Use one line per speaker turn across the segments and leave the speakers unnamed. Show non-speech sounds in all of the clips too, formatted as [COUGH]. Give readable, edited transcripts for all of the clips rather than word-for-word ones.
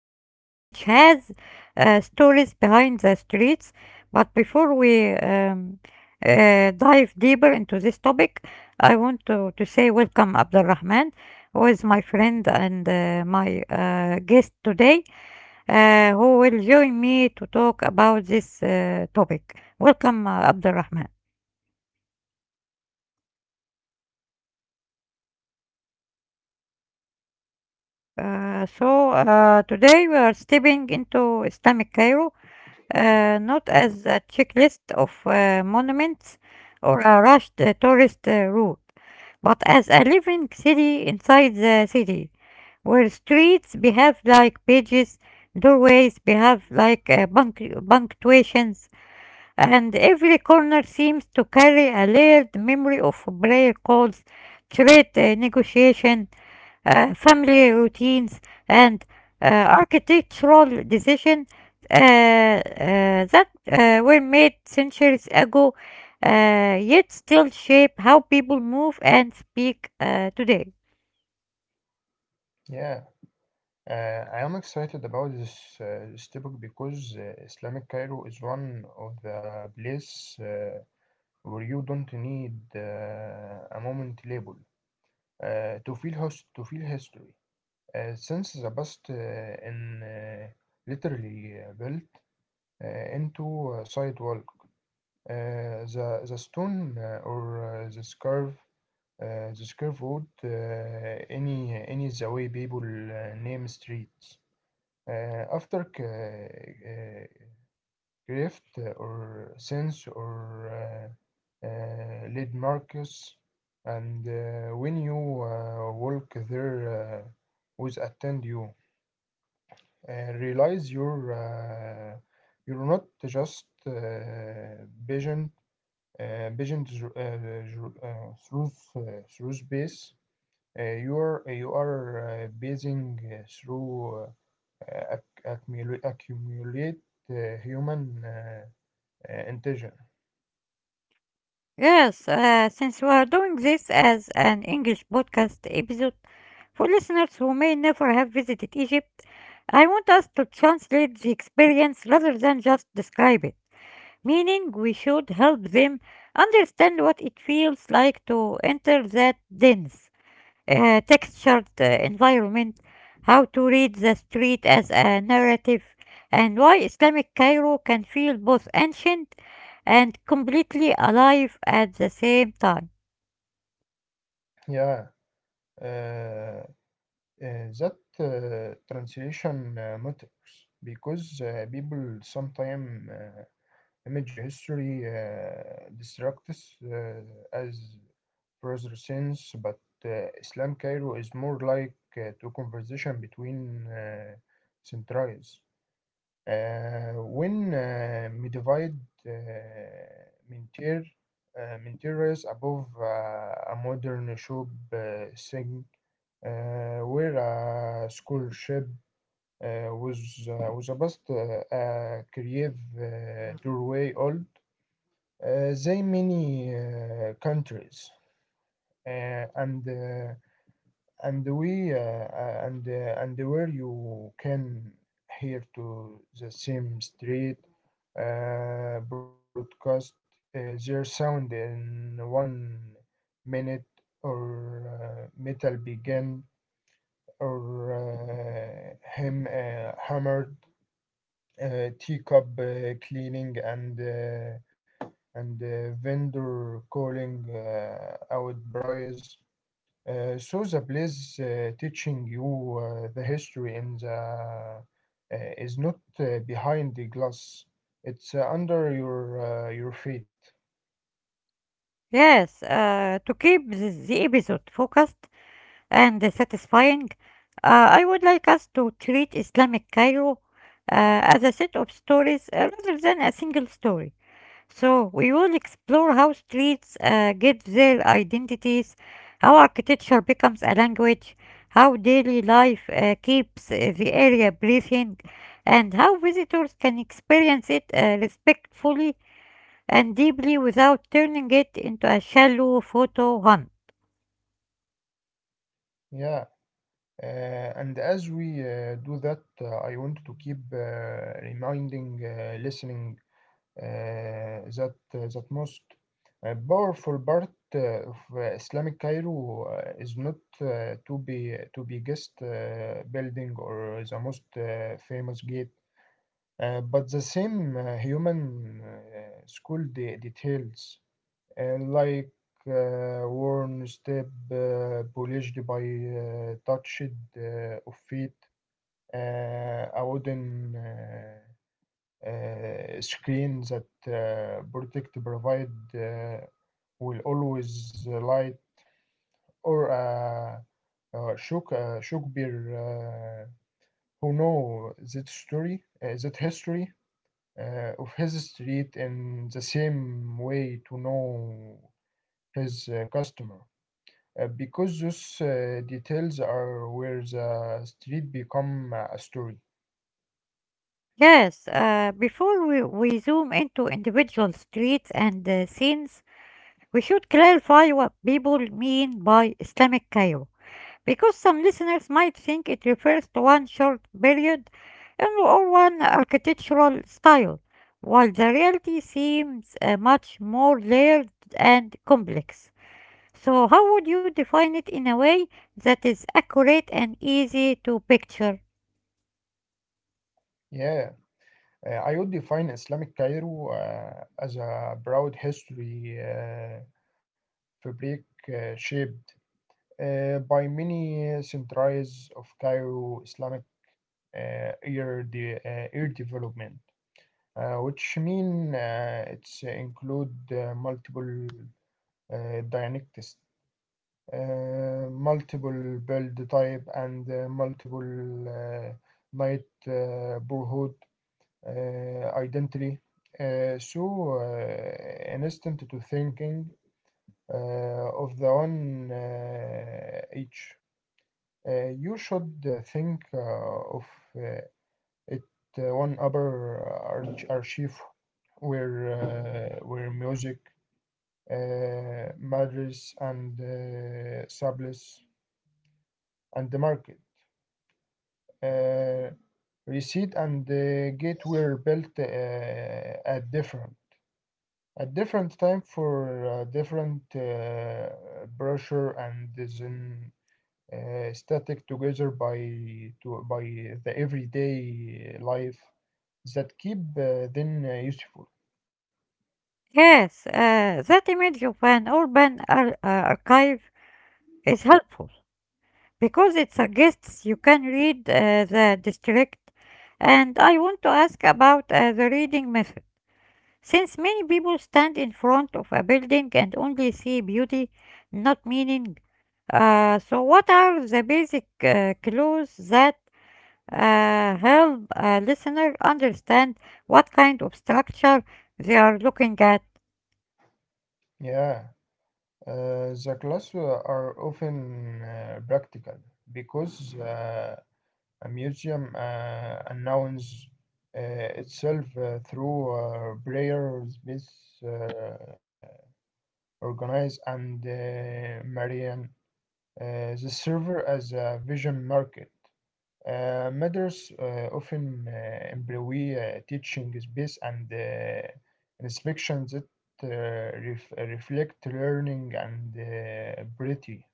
which has stories behind the streets. But before we dive deeper into this topic, I want to say welcome Abdul Rahman, who is my friend and my guest today who will join me to talk about this topic. Welcome, Abdulrahman.
Mm, Welcome, Ham.
Today we are stepping into Islamic Cairo, not as a checklist of monuments or a rushed tourist route, but as a living city inside the city, where streets behave like pages, doorways behave like punctuations, and every corner seems to carry a layered memory of prayer calls, trade negotiation, family routines, and architectural decisions uh, uh, that were made centuries ago, yet still shape how people move and speak today.
Yeah, I am excited about this topic because Islamic Cairo is one of the places where you don't need a moment label to feel history. Since the past in literally built into a sidewalk, the stone or the scarf. The square root any the way people name streets after grift or sense or lead markers, and when you walk there with attend you realize you're not just vision through space, you are basing through accumulate human intention.
Yes, since we are doing this as an English podcast episode for listeners who may never have visited Egypt, I want us to translate the experience rather than just describe it, meaning we should help them understand what it feels like to enter that dense, textured environment, how to read the street as a narrative, and why Islamic Cairo can feel both ancient and completely alive at the same time.
Yeah, uh, uh, that translation matters because people sometimes image history distracts as further sense, but Islam Cairo is more like to conversation between centuries. When modified uh, mentir mentirs above a modern shop thing where a scholarship was a bust a creative doorway old, they many countries uh, and uh, and we and where you can hear to the same street broadcast their sound in 1 minute, or metal began, or him hammered teacup cleaning, and vendor calling out briars, so the place teaching you the history in the is not behind the glass. It's under your feet.
Yes, to keep the episode focused and satisfying, I would like us to treat Islamic Cairo as a set of stories rather than a single story. So we will explore how streets get their identities, how architecture becomes a language, how daily life keeps the area breathing, and how visitors can experience it respectfully and deeply without turning it into a shallow photo hunt.
Yeah. And as we do that, I want to keep reminding, listening that most powerful part of Islamic Cairo is not to be guest building or the most famous gate. But the same human school details, like worn step polished by touched of feet, a wooden screen that protect provide will always light, or Shukbir, who know that story, that history of his street in the same way to know his customer. Because those details are where the street become a story.
Yes, before we zoom into individual streets and scenes, we should clarify what people mean by Islamic Cairo, because some listeners might think it refers to one short period and or one architectural style, while the reality seems much more layered and complex. So, how would you define it in a way that is accurate and easy to picture?
Yeah, I would define Islamic Cairo as a broad history fabric shaped by many centuries of Cairo Islamic ear development, which mean it's include multiple dialectics, multiple build type, and multiple uh, night borhood identity. So, an instant to thinking uh, of the one each. You should think of uh, it one upper archive, where music matters and supplies and the market. Uh, Receipt and gate were built at different time for different pressure, and then static together by the everyday life that keep them useful.
Yes, that image of an urban archive is helpful because it suggests you can read the district. And I want to ask about the reading method. Since many people stand in front of a building and only see beauty, not meaning, so what are the basic clues that help a listener understand what kind of structure they are looking at.
Yeah. The classrooms are often practical because a museum announces uh, itself through prayer space uh, organized and Marian. The server as a vision market. Matters often employ teaching space and inspections that reflect learning and ability.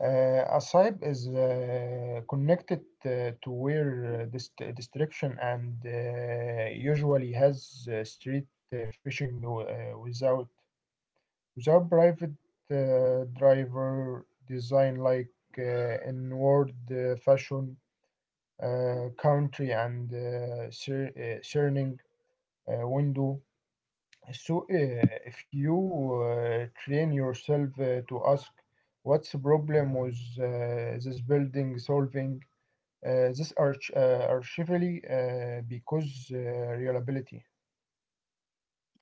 A SIP is connected to where this destruction, and usually has street fishing without private driver design, like in fashion country, and cerning window. So, if you train yourself to ask, what's the problem with this building solving this archivally because reliability?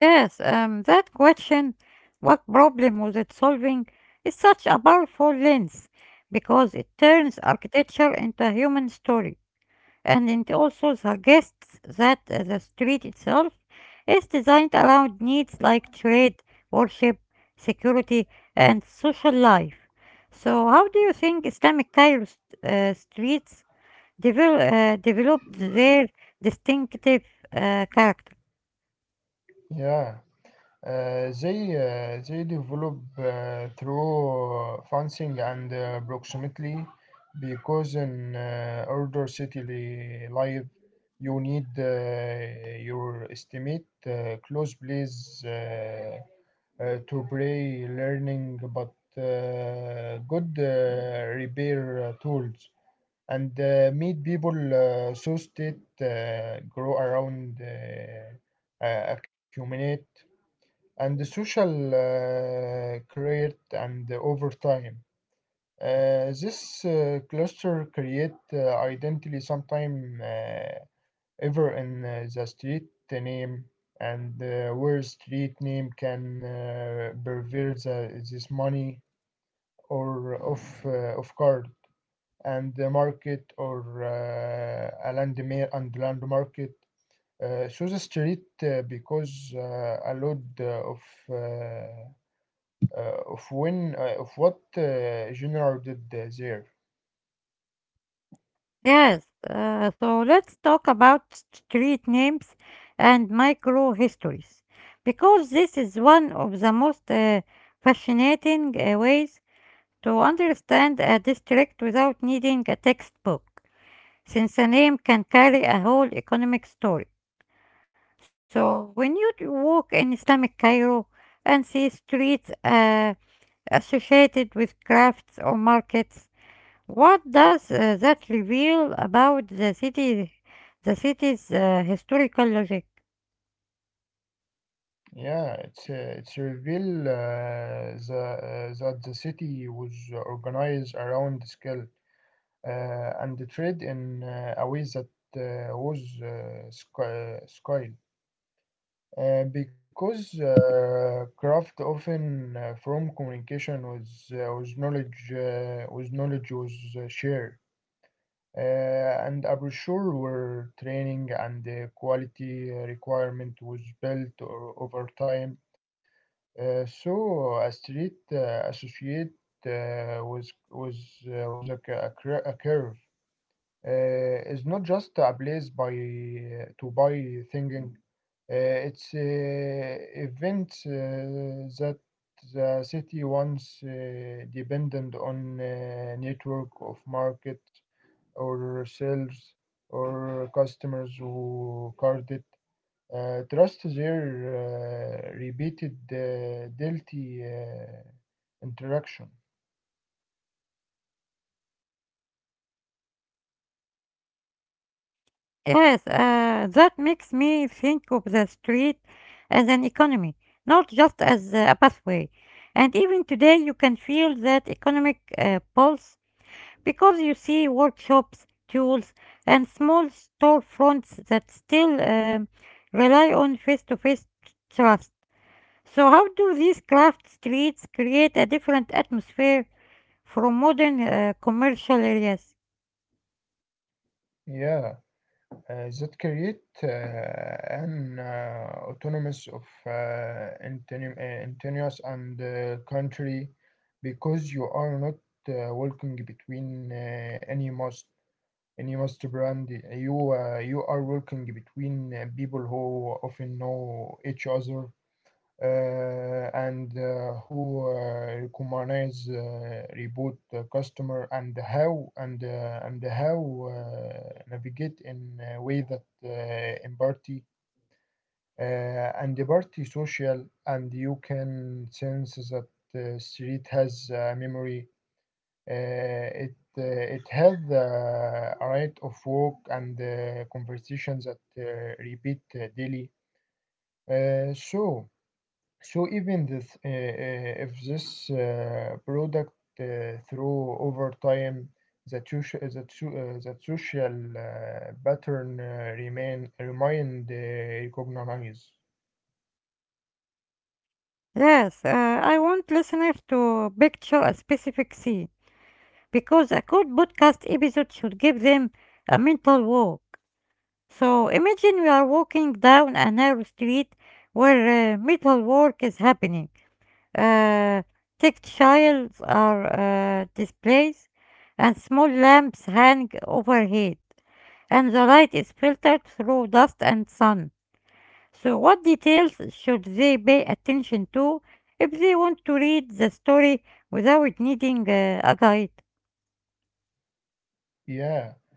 Yes, that question, what problem was it solving, is such a powerful lens because it turns architecture into a human story. And it also suggests that the street itself is designed around needs like trade, worship, security, and social life. So, how do you think Islamic Cairo streets developed their distinctive character.
Yeah. They develop through fencing and proximity, because in order city life you need your estimate close plays to play learning, but good repair tools and meet people, so state grow around accumulate and the social create and over time. This cluster create identity sometime ever in the street name, and where street name can pervert this money, or of card and the market, or a land and land market. So the street because a lot uh, of when of what genre did there?
Yes, so let's talk about street names and micro histories because this is one of the most fascinating ways to understand a district without needing a textbook, since a name can carry a whole economic story. So when you walk in Islamic Cairo and see streets associated with crafts or markets, what does that reveal about the city, the city's historical logic?
Yeah, it's reveal that the city was organized around skill and the trade in a way that was sky. Because craft often from communication was knowledge was shared. And I'm sure where training and the quality requirement was built over time. So a street associate uh, was was was a curve. Is not just a place by to buy thinking. Uh, it's events that the city once depended on network of market, or sales, or customers who card it. Trust their repeated daily interaction.
Yes, that makes me think of the street as an economy, not just as a pathway. And even today, you can feel that economic pulse because you see workshops, tools, and small storefronts that still rely on face-to-face trust. So, how do these craft streets create a different atmosphere from modern commercial areas?
Yeah, that create an autonomous of continuous and country, because you are not walking between any most, and you must brand you are working between people who often know each other and who recognize reboot the customer, and how and how navigate in a way that empathy uh, and the party social, and you can sense that the street has a memory, uh, it uh, it has a right of work and conversations that repeat daily. Uh, so so even this, if this product through over time, the social pattern remain recognized.
Yes, I want listeners to picture a specific scene because a good podcast episode should give them a mental walk. So, imagine we are walking down a narrow street where metal work is happening. Uh, Textiles are displays and small lamps hang overhead, and the light is filtered through dust and sun. So, what details should they pay attention to if they want to read the story without needing a guide?
Yeah.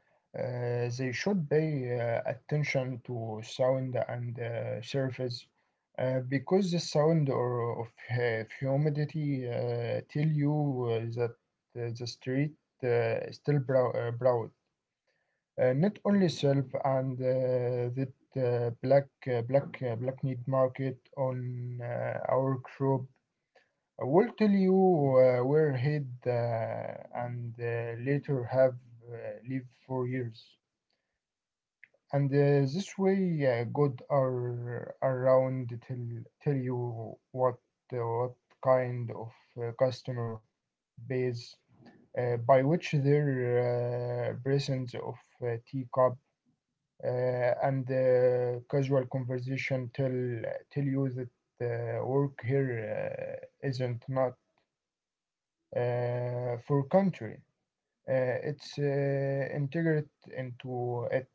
They should pay attention to sound and surface, because the sound or of humidity tell you that the street still brow broad. Not only self, and that uh, black black meat market on our crop will tell you where head and later have uh, lived for years, and this way God are around tell you what uh, what kind of customer base, by which their presence of teacup, uh, and casual conversation tell you that work here isn't not for country. It's integrated into it.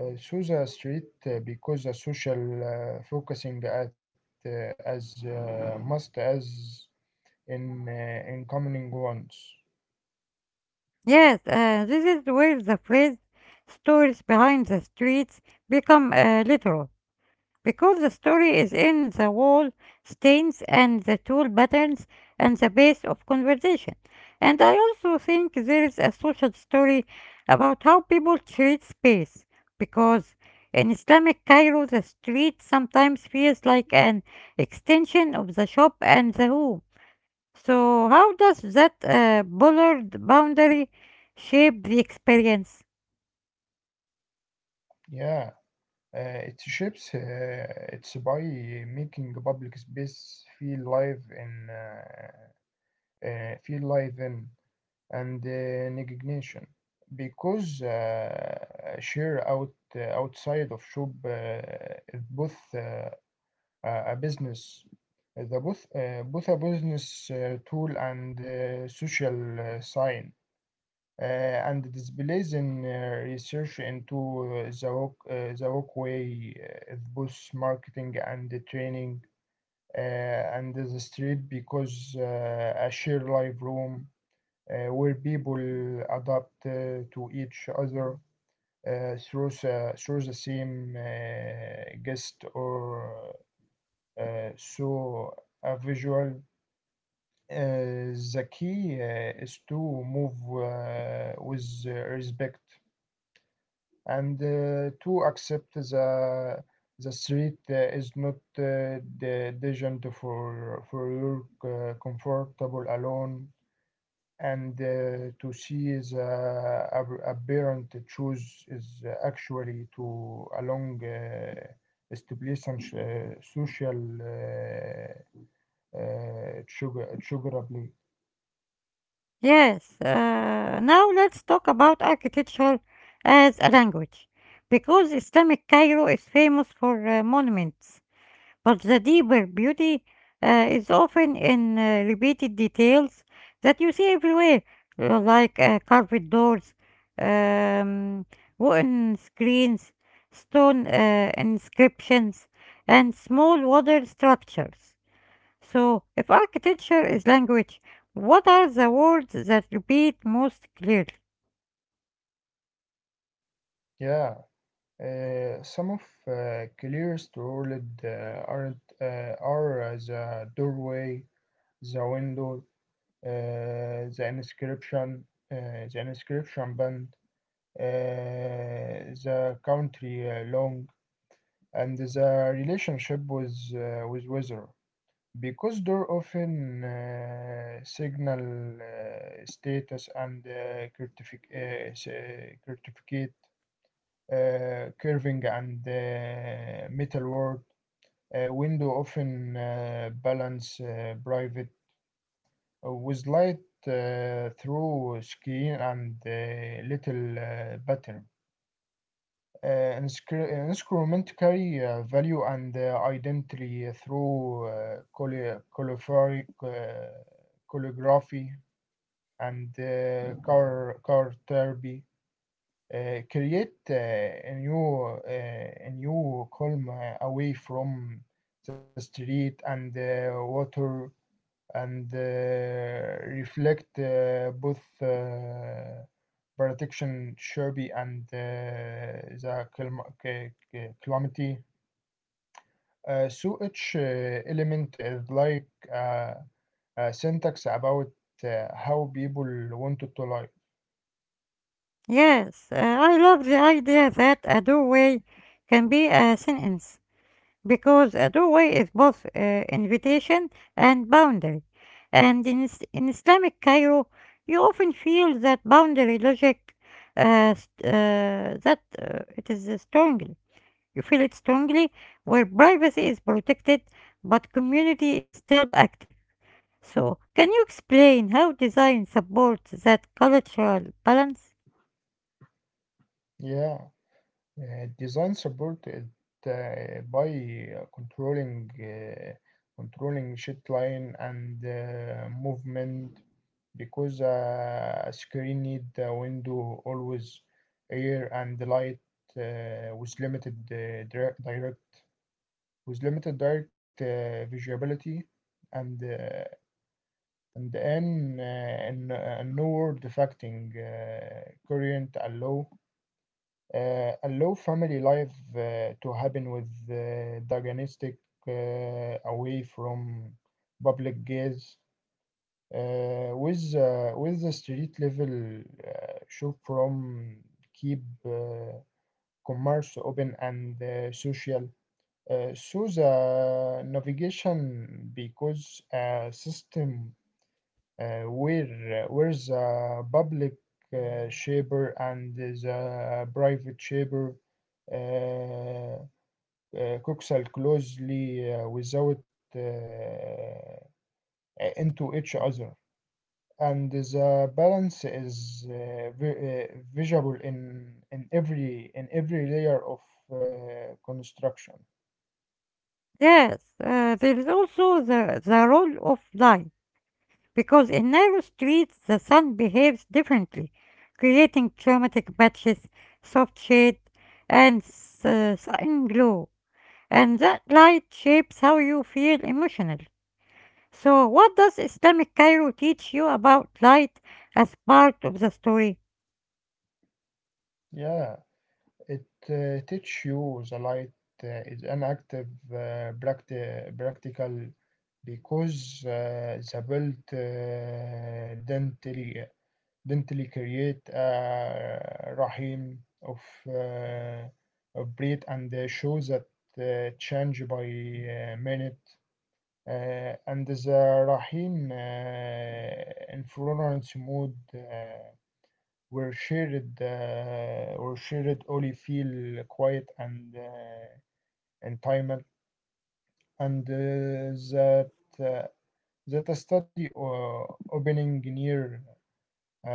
So the street because the social focusing at as must as in incoming ones.
Yes, this is where the phrase stories behind the streets become literal, because the story is in the wall stains and the tool patterns and the base of conversation. And I also think there is a social story about how people treat space, because in Islamic Cairo, the street sometimes feels like an extension of the shop and the home. So, how does that bollard boundary shape the experience?
Yeah, it shapes it's by making public space feel live in and indignation, because share out outside of shop is both a business, the both both a business tool and social sign, and displays in research into the walkway of both marketing and the training and the street because a shared live room where people adapt to each other through the same guest or so a visual the key is to move with respect, and to accept the street is not the agent for your comfortable alone, and to see the aberrant truth is actually to along establish social آه، تشوجر تشوجر بليت.
Yes, now let's talk about architecture as a language, because Islamic Cairo is famous for monuments, but the deeper beauty is often in repeated details that you see everywhere, like carved doors, um, wooden screens, stone inscriptions, and small water structures. So, if architecture is language, what are the words that repeat most clearly?
Yeah, some of clears to world aren't are the doorway, the window, uh, the inscription, uh, the inscription band, uh, the country long, and the relationship with weather. Because door often signal status and certificate, curving and metal. Window often balance private with light through skin and little pattern. Instrument carry value and identity through colorific, calligraphy, and Car Therapy create a new calm away from the street, and water, and reflect both protection Sherby, and the clim- c- c- calamity. So each element is like uh, a syntax about how people want to live.
Yes, I love the idea that a doorway can be a sentence because a doorway is both invitation and boundary. And in Islamic Cairo, you often feel that boundary logic st- that it is strongly. You feel it strongly where privacy is protected but community is still active. So, can you explain how design supports that cultural balance?
Yeah, design supported by controlling controlling sheet line and movement because a screen need a window always air and light with limited direct with limited direct visibility and uh, and then no word affecting current allow family life to happen with diagnostic away from public gaze, with the street level shop from keep commerce open and social. So the navigation because a system where the public shaper and the private shaper uh, آآ coxal closely without uh, into each other, and the balance is vi visible in every layer of construction.
Yes, there is also the role of light, because in narrow streets the sun behaves differently, creating chromatic patches, soft shade, and sun glow. And that light shapes how you feel emotionally. So, what does Islamic Cairo teach you about light as part of the story?
Yeah, it teach you the light is an active uh, practi practical because the built dentally create a rahim uh, of breed and shows that change by minute. And the rahim influence mode were shared only feel quiet and in time and uh, that a study opening near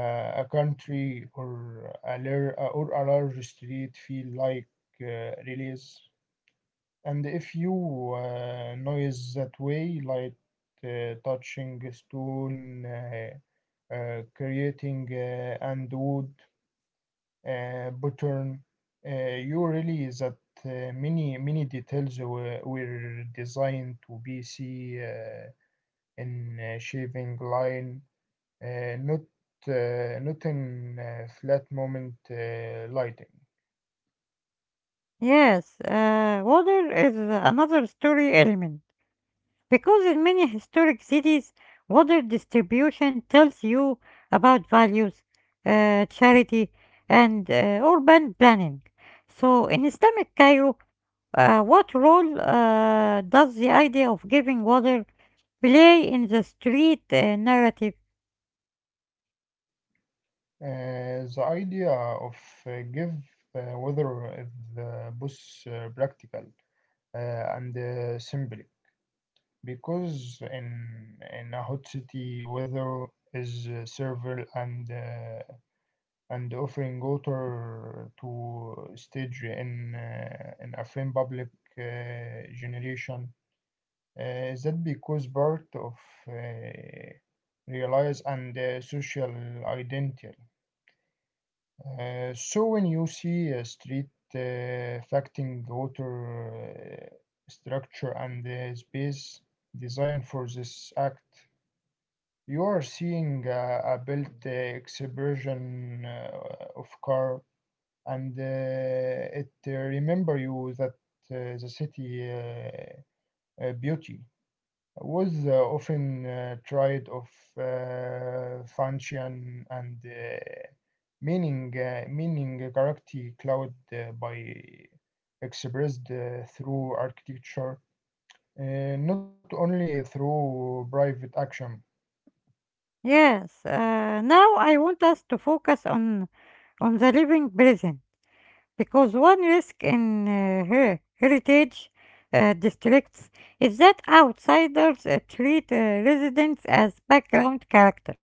a country or a large street feel like relays. And if you noise that way, like touching a stone, creating and wood, pattern, you realize that many details were designed to be see. In a shaving line, uh, not not in flat moment lighting.
Yes, water is another story element because in many historic cities, water distribution tells you about values, charity, and urban planning. So in Islamic Cairo, what role does the idea of giving water play in the street narrative?
The idea of give weather is both practical uh, and symbolic because in a hot city weather is several and offering water to stage in a frame public generation is that because part of uh, realize and social identity. So when you see a street uh, affecting water structure and space design for this act, you are seeing a built expression of car and it remember you that the city beauty was often tried of function and meaning character cloud by expressed through architecture uh, not only through private action.
Yes, now I want us to focus on the living present, because one risk in heritage districts is that outsiders treat residents as background character.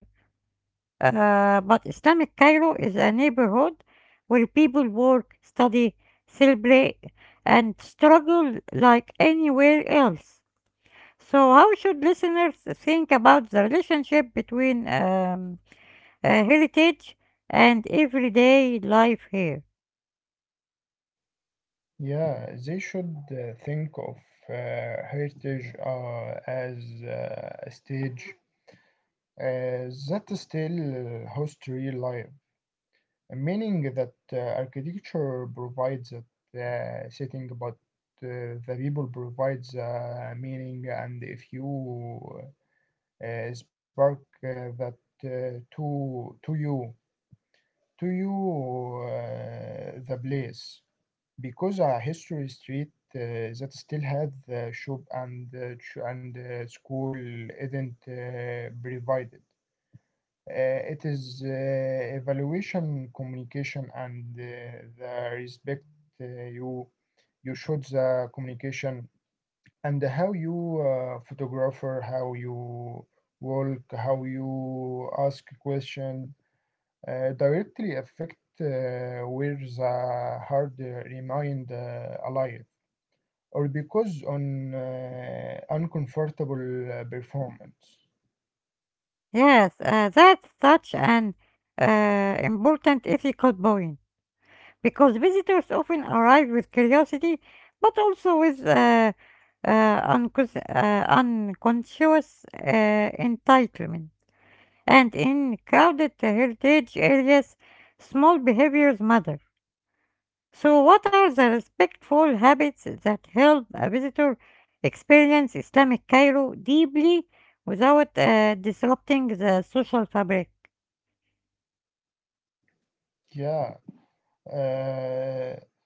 But Islamic Cairo is a neighborhood where people work, study, celebrate, and struggle like anywhere else. So, how should listeners think about the relationship between heritage and everyday life here?
Yeah, they should think of uh, heritage as a stage that still hosts real life, meaning that architecture provides the setting, but the people provides the meaning. And if you spark that uh, to to you to you the place, because a history street uh, that still had the shop and school isn't provided. It is evaluation, communication, and the respect uh, you you should the communication, and how you photographer, how you work, how you ask question directly affect where the hard remained alive or because on uncomfortable performance.
Yes, that's such an important ethical point because visitors often arrive with curiosity but also with unconscious entitlement. And in crowded heritage areas, small behaviors matter. So, what are the respectful habits that help a visitor experience Islamic Cairo deeply without disrupting the social fabric?
Yeah, uh,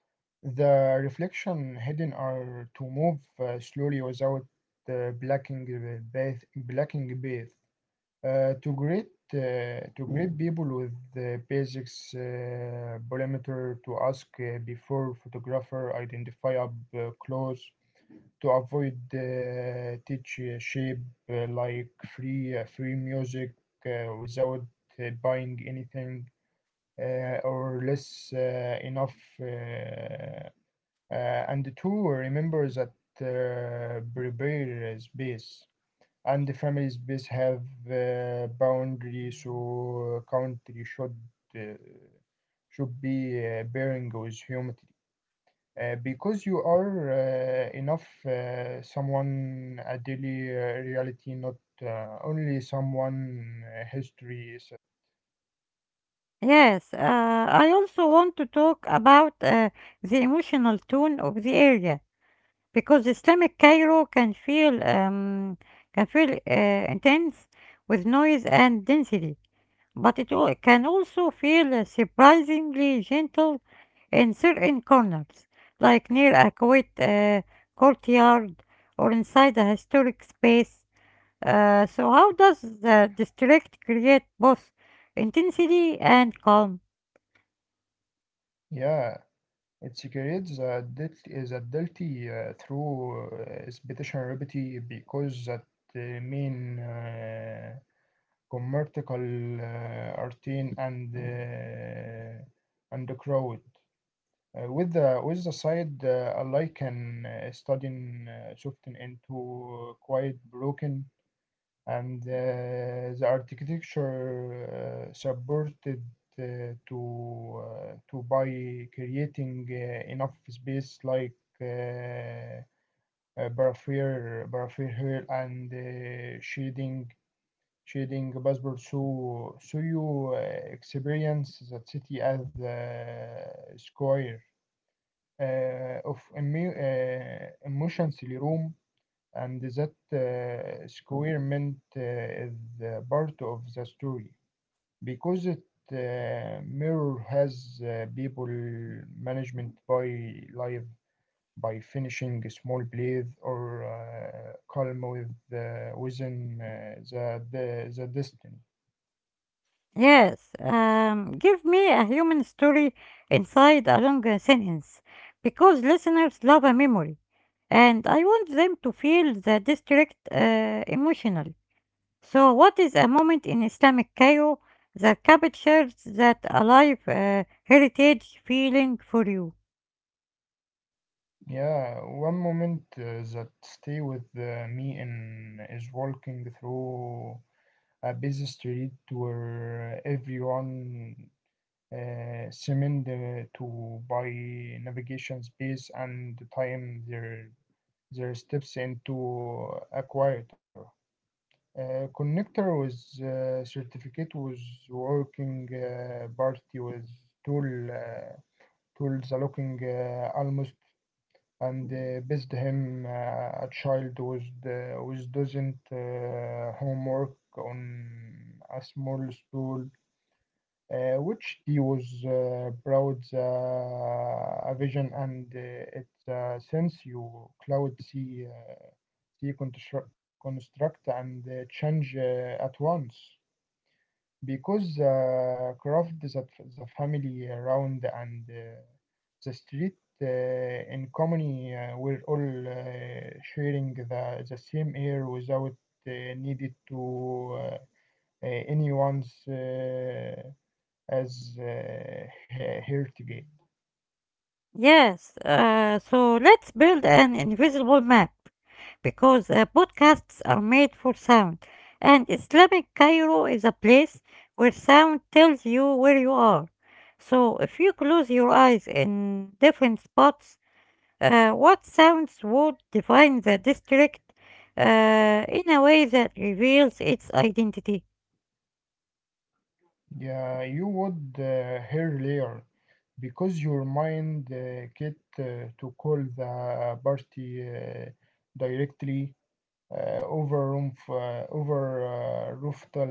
the reflection hidden are to move slowly without blacking bath. To greet people with the basics perimeter to ask before photographer identify up close to avoid teach shape like free music without buying anything or less enough uh, and two, remember that prepare space and the family space have boundary, so country uh, should be bearing with humanity. Because you are enough someone a daily reality, not only someone history. Is,
Yes, I also want to talk about the emotional tone of the area because Islamic Cairo can feel intense with noise and density, but it can also feel surprisingly gentle in certain corners, like near a quiet courtyard or inside a historic space. So, how does the district create both intensity and calm?
yeah, it secretes the death is a dirty through speciality because that mean commercial routine and and the crowd. With the side I can studying soften into quite broken and the architecture supported to by creating enough space like uh, barrier hill and shading passport, so you experience the city as square of emotionally room, and that squirement is part of the story because it mirror has people management by life by finishing small plays or calm with within the destiny.
Yes, give me a human story inside a long sentence because listeners love a memory and I want them to feel the district emotionally. So, what is a moment in Islamic Cairo that captures that alive heritage feeling for you?
Yeah, one moment that stay with me in is walking through a busy street where everyone cement to by navigation space and time their steps into a quieter. Connector with certificate was working party with tool uh, tools are looking almost, and best him a child was doesn't homework on a small stool which deals brought a vision, and it since you cloud see construct and change at once because the craft that the family around and the street in common were all sharing the same air without uh, needed to anyone's as heritage.
Yes, so let's build an invisible map, because podcasts are made for sound, and Islamic Cairo is a place where sound tells you where you are. So if you close your eyes in different spots, what sounds would define the district in a way that reveals its identity?
Yeah, you would hear later because your mind get to call the party directly. Over roof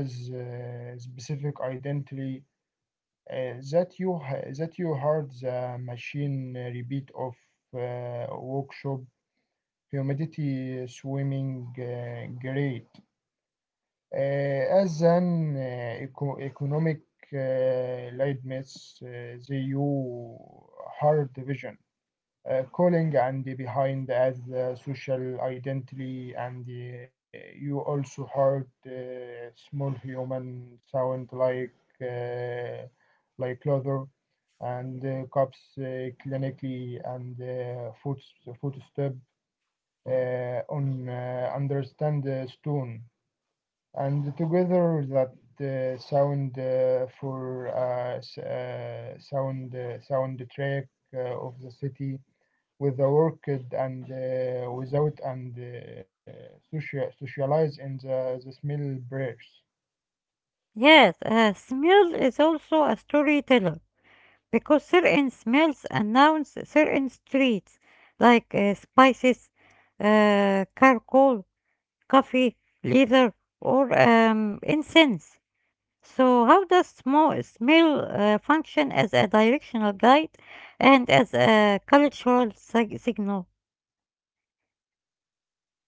as specific identity that you heard the machine repeat of workshop, humidity swimming grade uh, as an economic lead myths, the you hard division calling and behind as social identity, and you also heard small human sound uh, like leather and cups clinically and footstep on understand stone, and together that sound for s- sound sound track of the city with the work and without and socialize in the small breaks.
Yes, smell is also a storyteller because certain smells announce certain streets like spices, charcoal, coffee, leather, or incense. So, how does small smell function as a directional guide and as a cultural signal?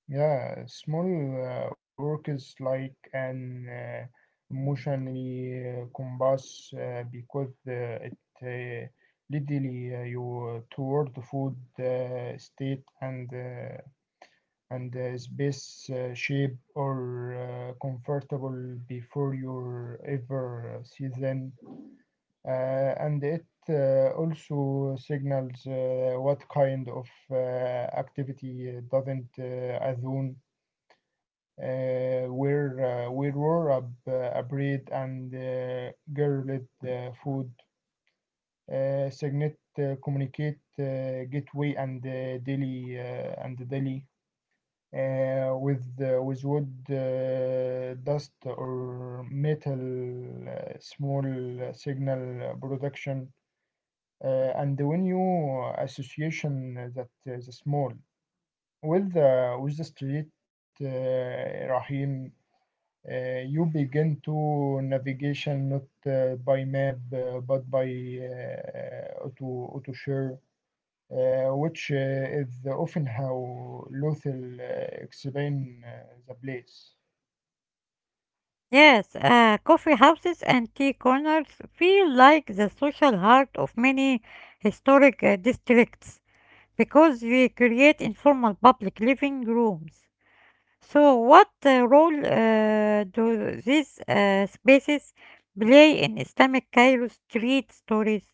Yeah, small work like an emotionally compass because it leadily you toward food state and space shape or comfortable before your ever season, and it also signals what kind of activity doesn't Azun where were a breed and girlet food signet communicate gateway and daily with wood dust or metal small signal production, uh, and when you association that the small with the street uh, Rahim uh, you begin to navigation not by map but by auto share which is often how Lothal explain the place.
Yes, coffee houses and tea corners feel like the social heart of many historic districts because they create informal public living rooms. So, what role do these spaces play in Islamic Cairo street stories?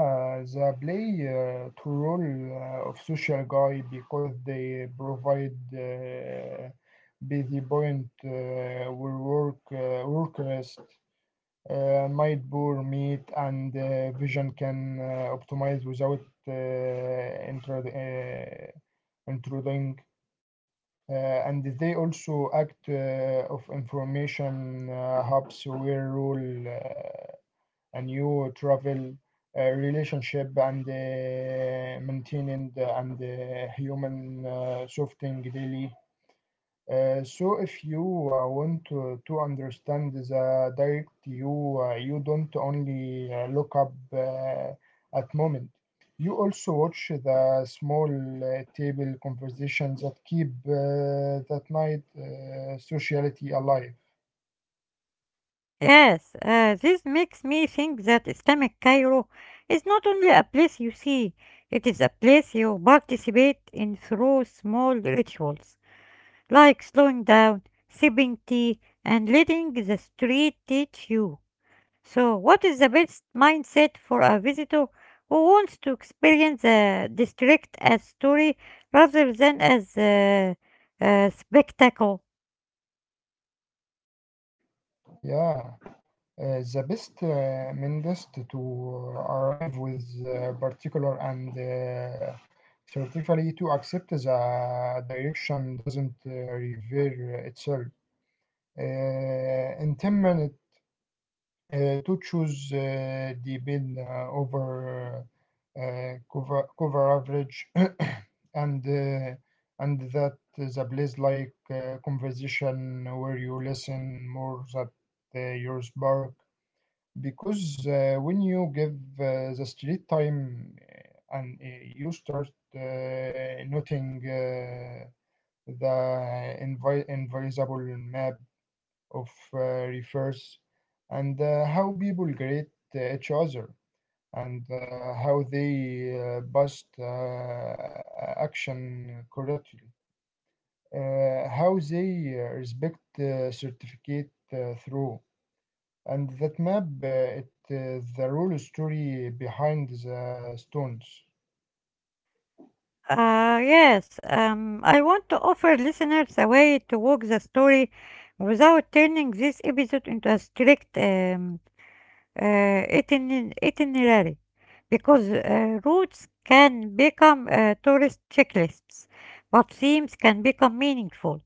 Yeah, they play to role of social guy because they provide busy point where work rest, might bore meat and vision can optimize without uh, intro- uh, intruding. And they also act of information hubs where role. Uh, a new travel relationship and maintaining the, and human softening daily. So if you to understand the direct you, you don't only look up at moment. You also watch the small table conversations that keep that night sociality alive.
Yes, this makes me think that Islamic Cairo is not only a place you see, it is a place you participate in through small rituals, like slowing down, sipping tea, and letting the street teach you. So, what is the best mindset for a visitor who wants to experience the district as story rather than as a spectacle?
Yeah. The best mendist to arrive with particular and certify to accept the direction doesn't reveal itself. Intended to choose the bid over cover average [COUGHS] and and that the place like conversation where you listen more that your spark because when you give the street time and you start noting the invisible map of rivers and how people greet each other and how they bust action correctly, how they respect certificate through. And that map, it is the real story behind the stones.
Yes, I want to offer listeners a way to walk the story without turning this episode into a strict itinerary because routes can become tourist checklists, but themes can become meaningful.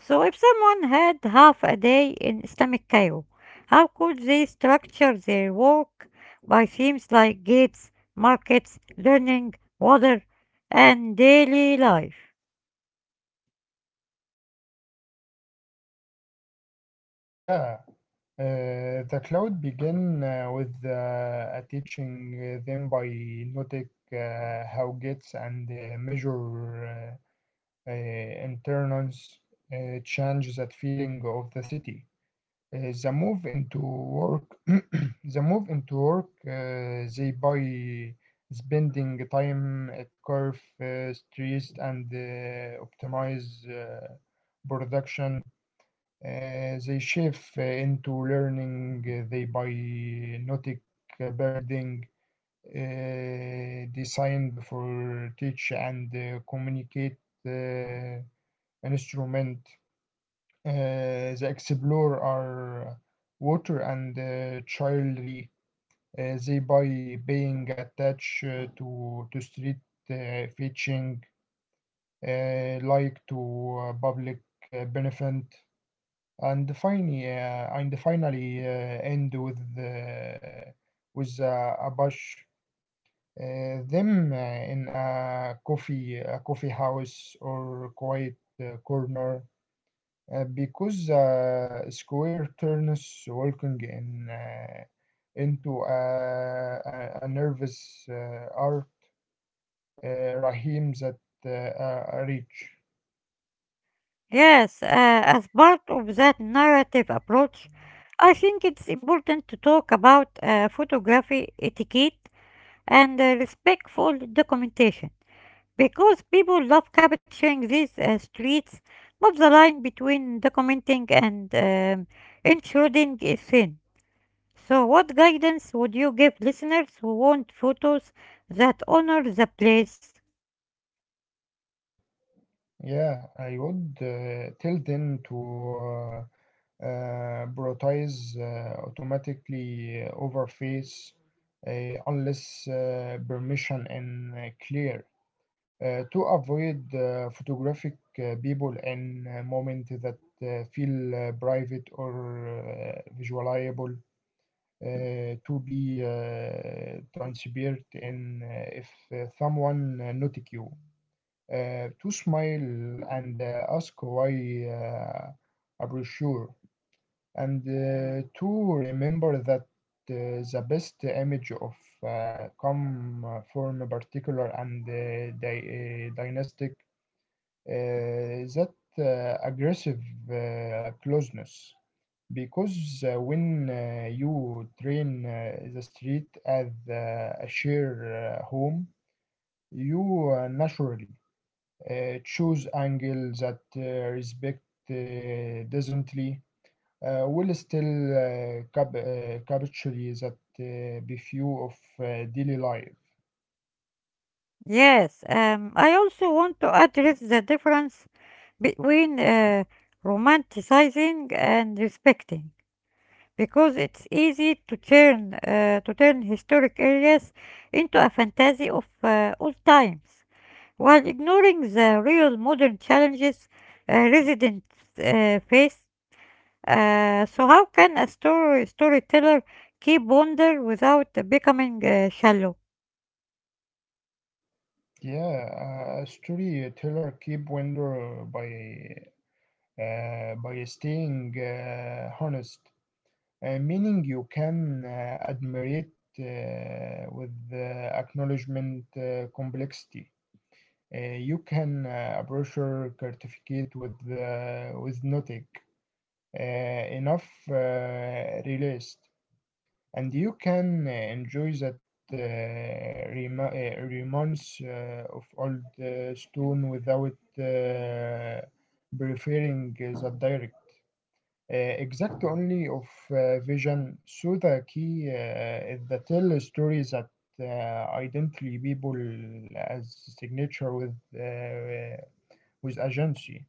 So, if someone had half a day in Islamic Cairo, how could they structure their work by themes like gates, markets, learning, water, and daily life?
Yeah, the cloud began with a teaching them by noting how gates and measure uh, uh, internals change that feeling of the city. The move into work, [CLEARS THROAT] the move into work, they by spending time at curve streets and optimize uh, production, they shift into learning the bionic building designed for teach and communicate uh, instrument. Uh, the explorer are water and childry. They by being attached to street fishing like to public benefit. And finally end with a bush. Them in a coffee house or quiet corner because square turns walking in into a nervous art uh, Rahim that reach.
Yes, as part of that narrative approach, I think it's important to talk about photography etiquette and respectful documentation, because people love capturing these streets, but the line between documenting and intruding is thin. So, what guidance would you give listeners who want photos that honor the place?
Yeah, I would tell them to. Prioritize automatically overface unless permission and clear to avoid photographic people in a moment that feel private or visualizable, to be transparent, and if someone notice you, to smile and ask why, are you sure, and to remember that the best image of come from a particular and dynastic that aggressive closeness, because when you train the street as a shared home, you naturally choose angles that respect decently will still capture that the view of daily life.
Yes, I also want to address the difference between romanticizing and respecting, because it's easy to turn historic areas into a fantasy of old times, while ignoring the real modern challenges residents face. So how can a story storyteller keep wonder without becoming shallow?
Yeah, a storyteller keep wonder by staying honest, meaning you can admire it with acknowledgement complexity. You can approach your certificate with no enough released. And you can enjoy that rema romance of old stone without uh, preferring the direct exact only of vision. So the key is the tell stories that identify people as signature with agency,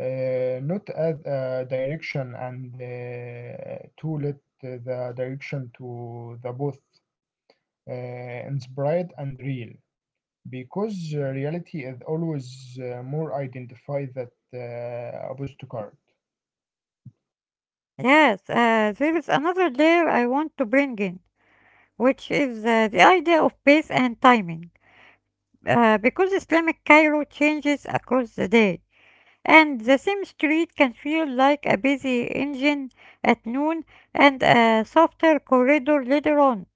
not as a direction, and to let the direction to the both, uh, inspired and real, because reality is always more identified than a postcard. Card.
Yes, there is another layer I want to bring in, which is the idea of pace and timing. Because Islamic Cairo changes across the day, and the same street can feel like a busy engine at noon and a softer corridor later on.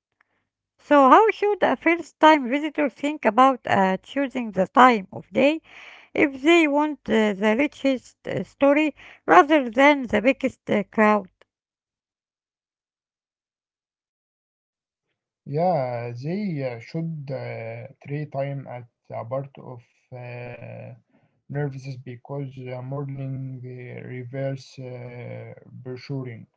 So, how should a first time visitor think about choosing the time of day if they want the richest story rather than the biggest crowd?
Yeah, they should three time at a part of uh, nervous, because morning reverse brochuring.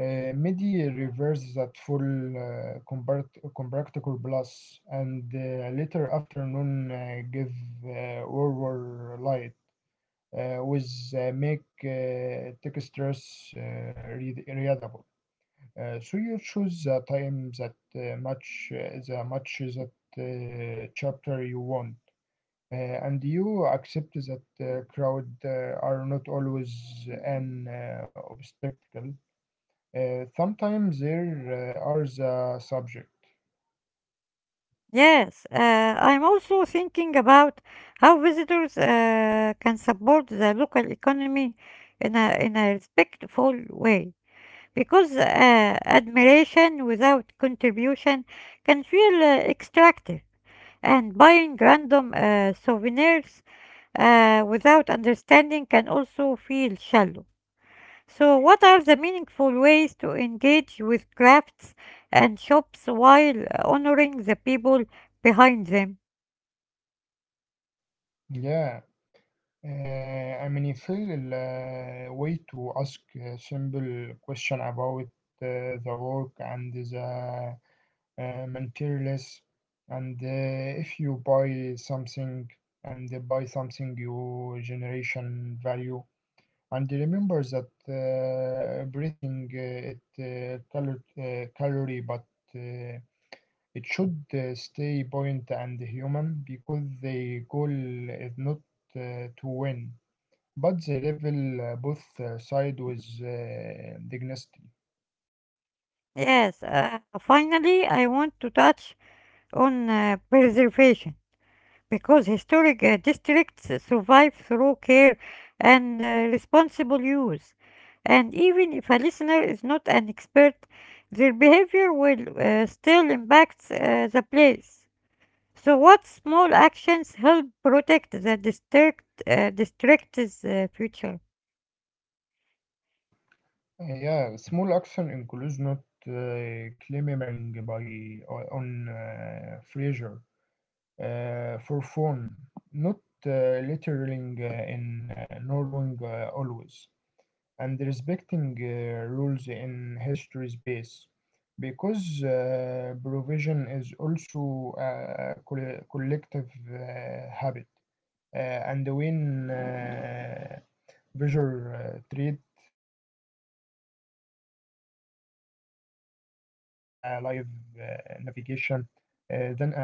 Midi reverse that full compactor plus, and later afternoon give over light with make textures readable. So you choose the time that match the matches that chapter you want, and you accept that crowd are not always an obstacle. Sometimes there are the subject.
Yes, I'm also thinking about how visitors can support the local economy in a respectful way, because admiration without contribution can feel extractive, and buying random souvenirs without understanding can also feel shallow. So, what are the meaningful ways to engage with crafts and shops while honoring the people behind them?
Yeah. I mean, feel way to ask a simple question about the work and the materials, and if you buy something and they buy something, you generation value. And remember that breathing it color, calorie, but uh, it should stay buoyant and human, because the goal is not to win, but they level both side with dignity.
Yes, finally, I want to touch on preservation, because historic districts survive through care and responsible use. And even if a listener is not an expert, their behavior will still impact the place. So, what small actions help protect the district's future?
Yeah, small action includes not claiming by on pressure for fun, not littering in knowing always, and respecting rules in history space. Because provision is also a collective habit. And when visual treat the direction like a live uh, navigation, then break.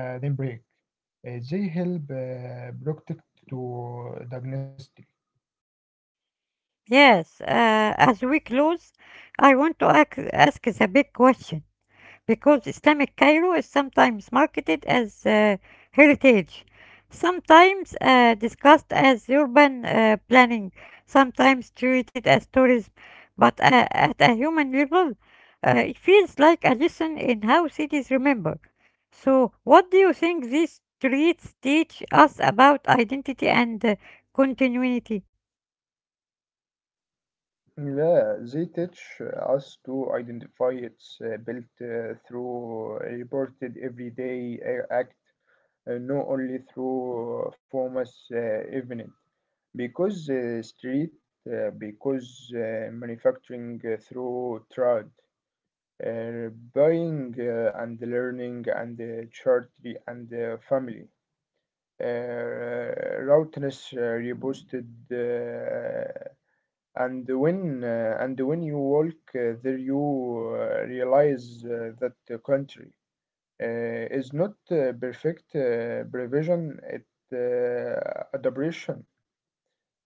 They help protect to diagnostic.
Yes, as we close, I want to ask the big question, because Islamic Cairo is sometimes marketed as heritage, sometimes discussed as urban planning, sometimes treated as tourism, but at a human level, it feels like a lesson in how cities remember. So, what do you think these streets teach us about identity and continuity?
Yeah, they teach us to identify its built through reported everyday act, not only through famous event. Because street because manufacturing through trade, uh, buying and learning, and charity, and family uh, routines reposted. And when and when you walk there, you realize that the country is not perfect provision, it uh, adaptation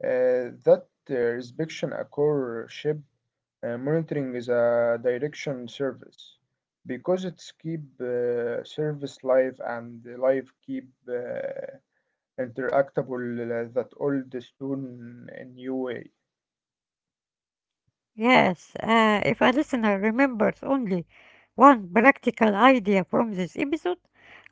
that inspection occur ship, monitoring is a direction service, because it's keep service live and live keep interactable that old stone in new way.
Yes, if a listener remembers only one practical idea from this episode,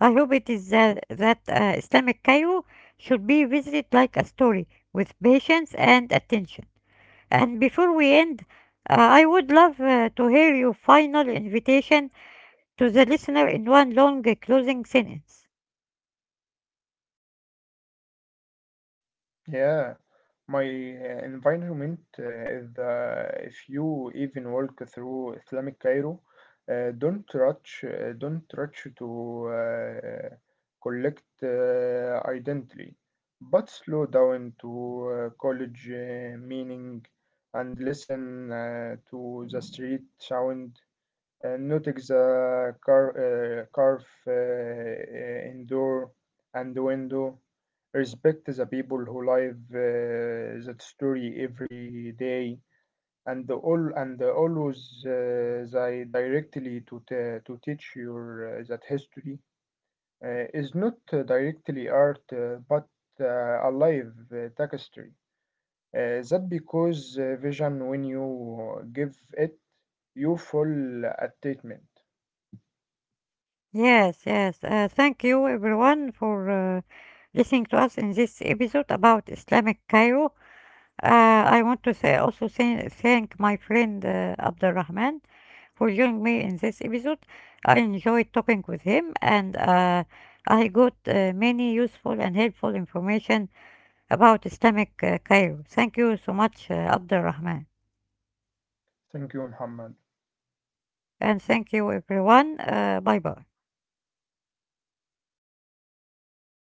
I hope it is that Islamic Cairo should be visited like a story with patience and attention. And before we end, I would love to hear your final invitation to the listener in one long closing sentence.
Yeah, my environment is, if you even walk through Islamic Cairo, don't rush to collect identity, but slow down to college meaning, and listen to the street sound, notice the car, curve in door and window. Respect the people who live that story every day, and all and always they directly to teach your that history is not directly art, but a live tapestry. That because vision when you give it, you full attainment.
Yes, yes. Thank you, everyone, for listening to us in this episode about Islamic Cairo. I want to say also say, thank my friend Abdurrahman for joining me in this episode. I enjoyed talking with him and I got many useful and helpful information about Islamic Cairo. Thank you so much, Abdurrahman.
Thank you, Muhammad.
And thank you, everyone. Bye bye.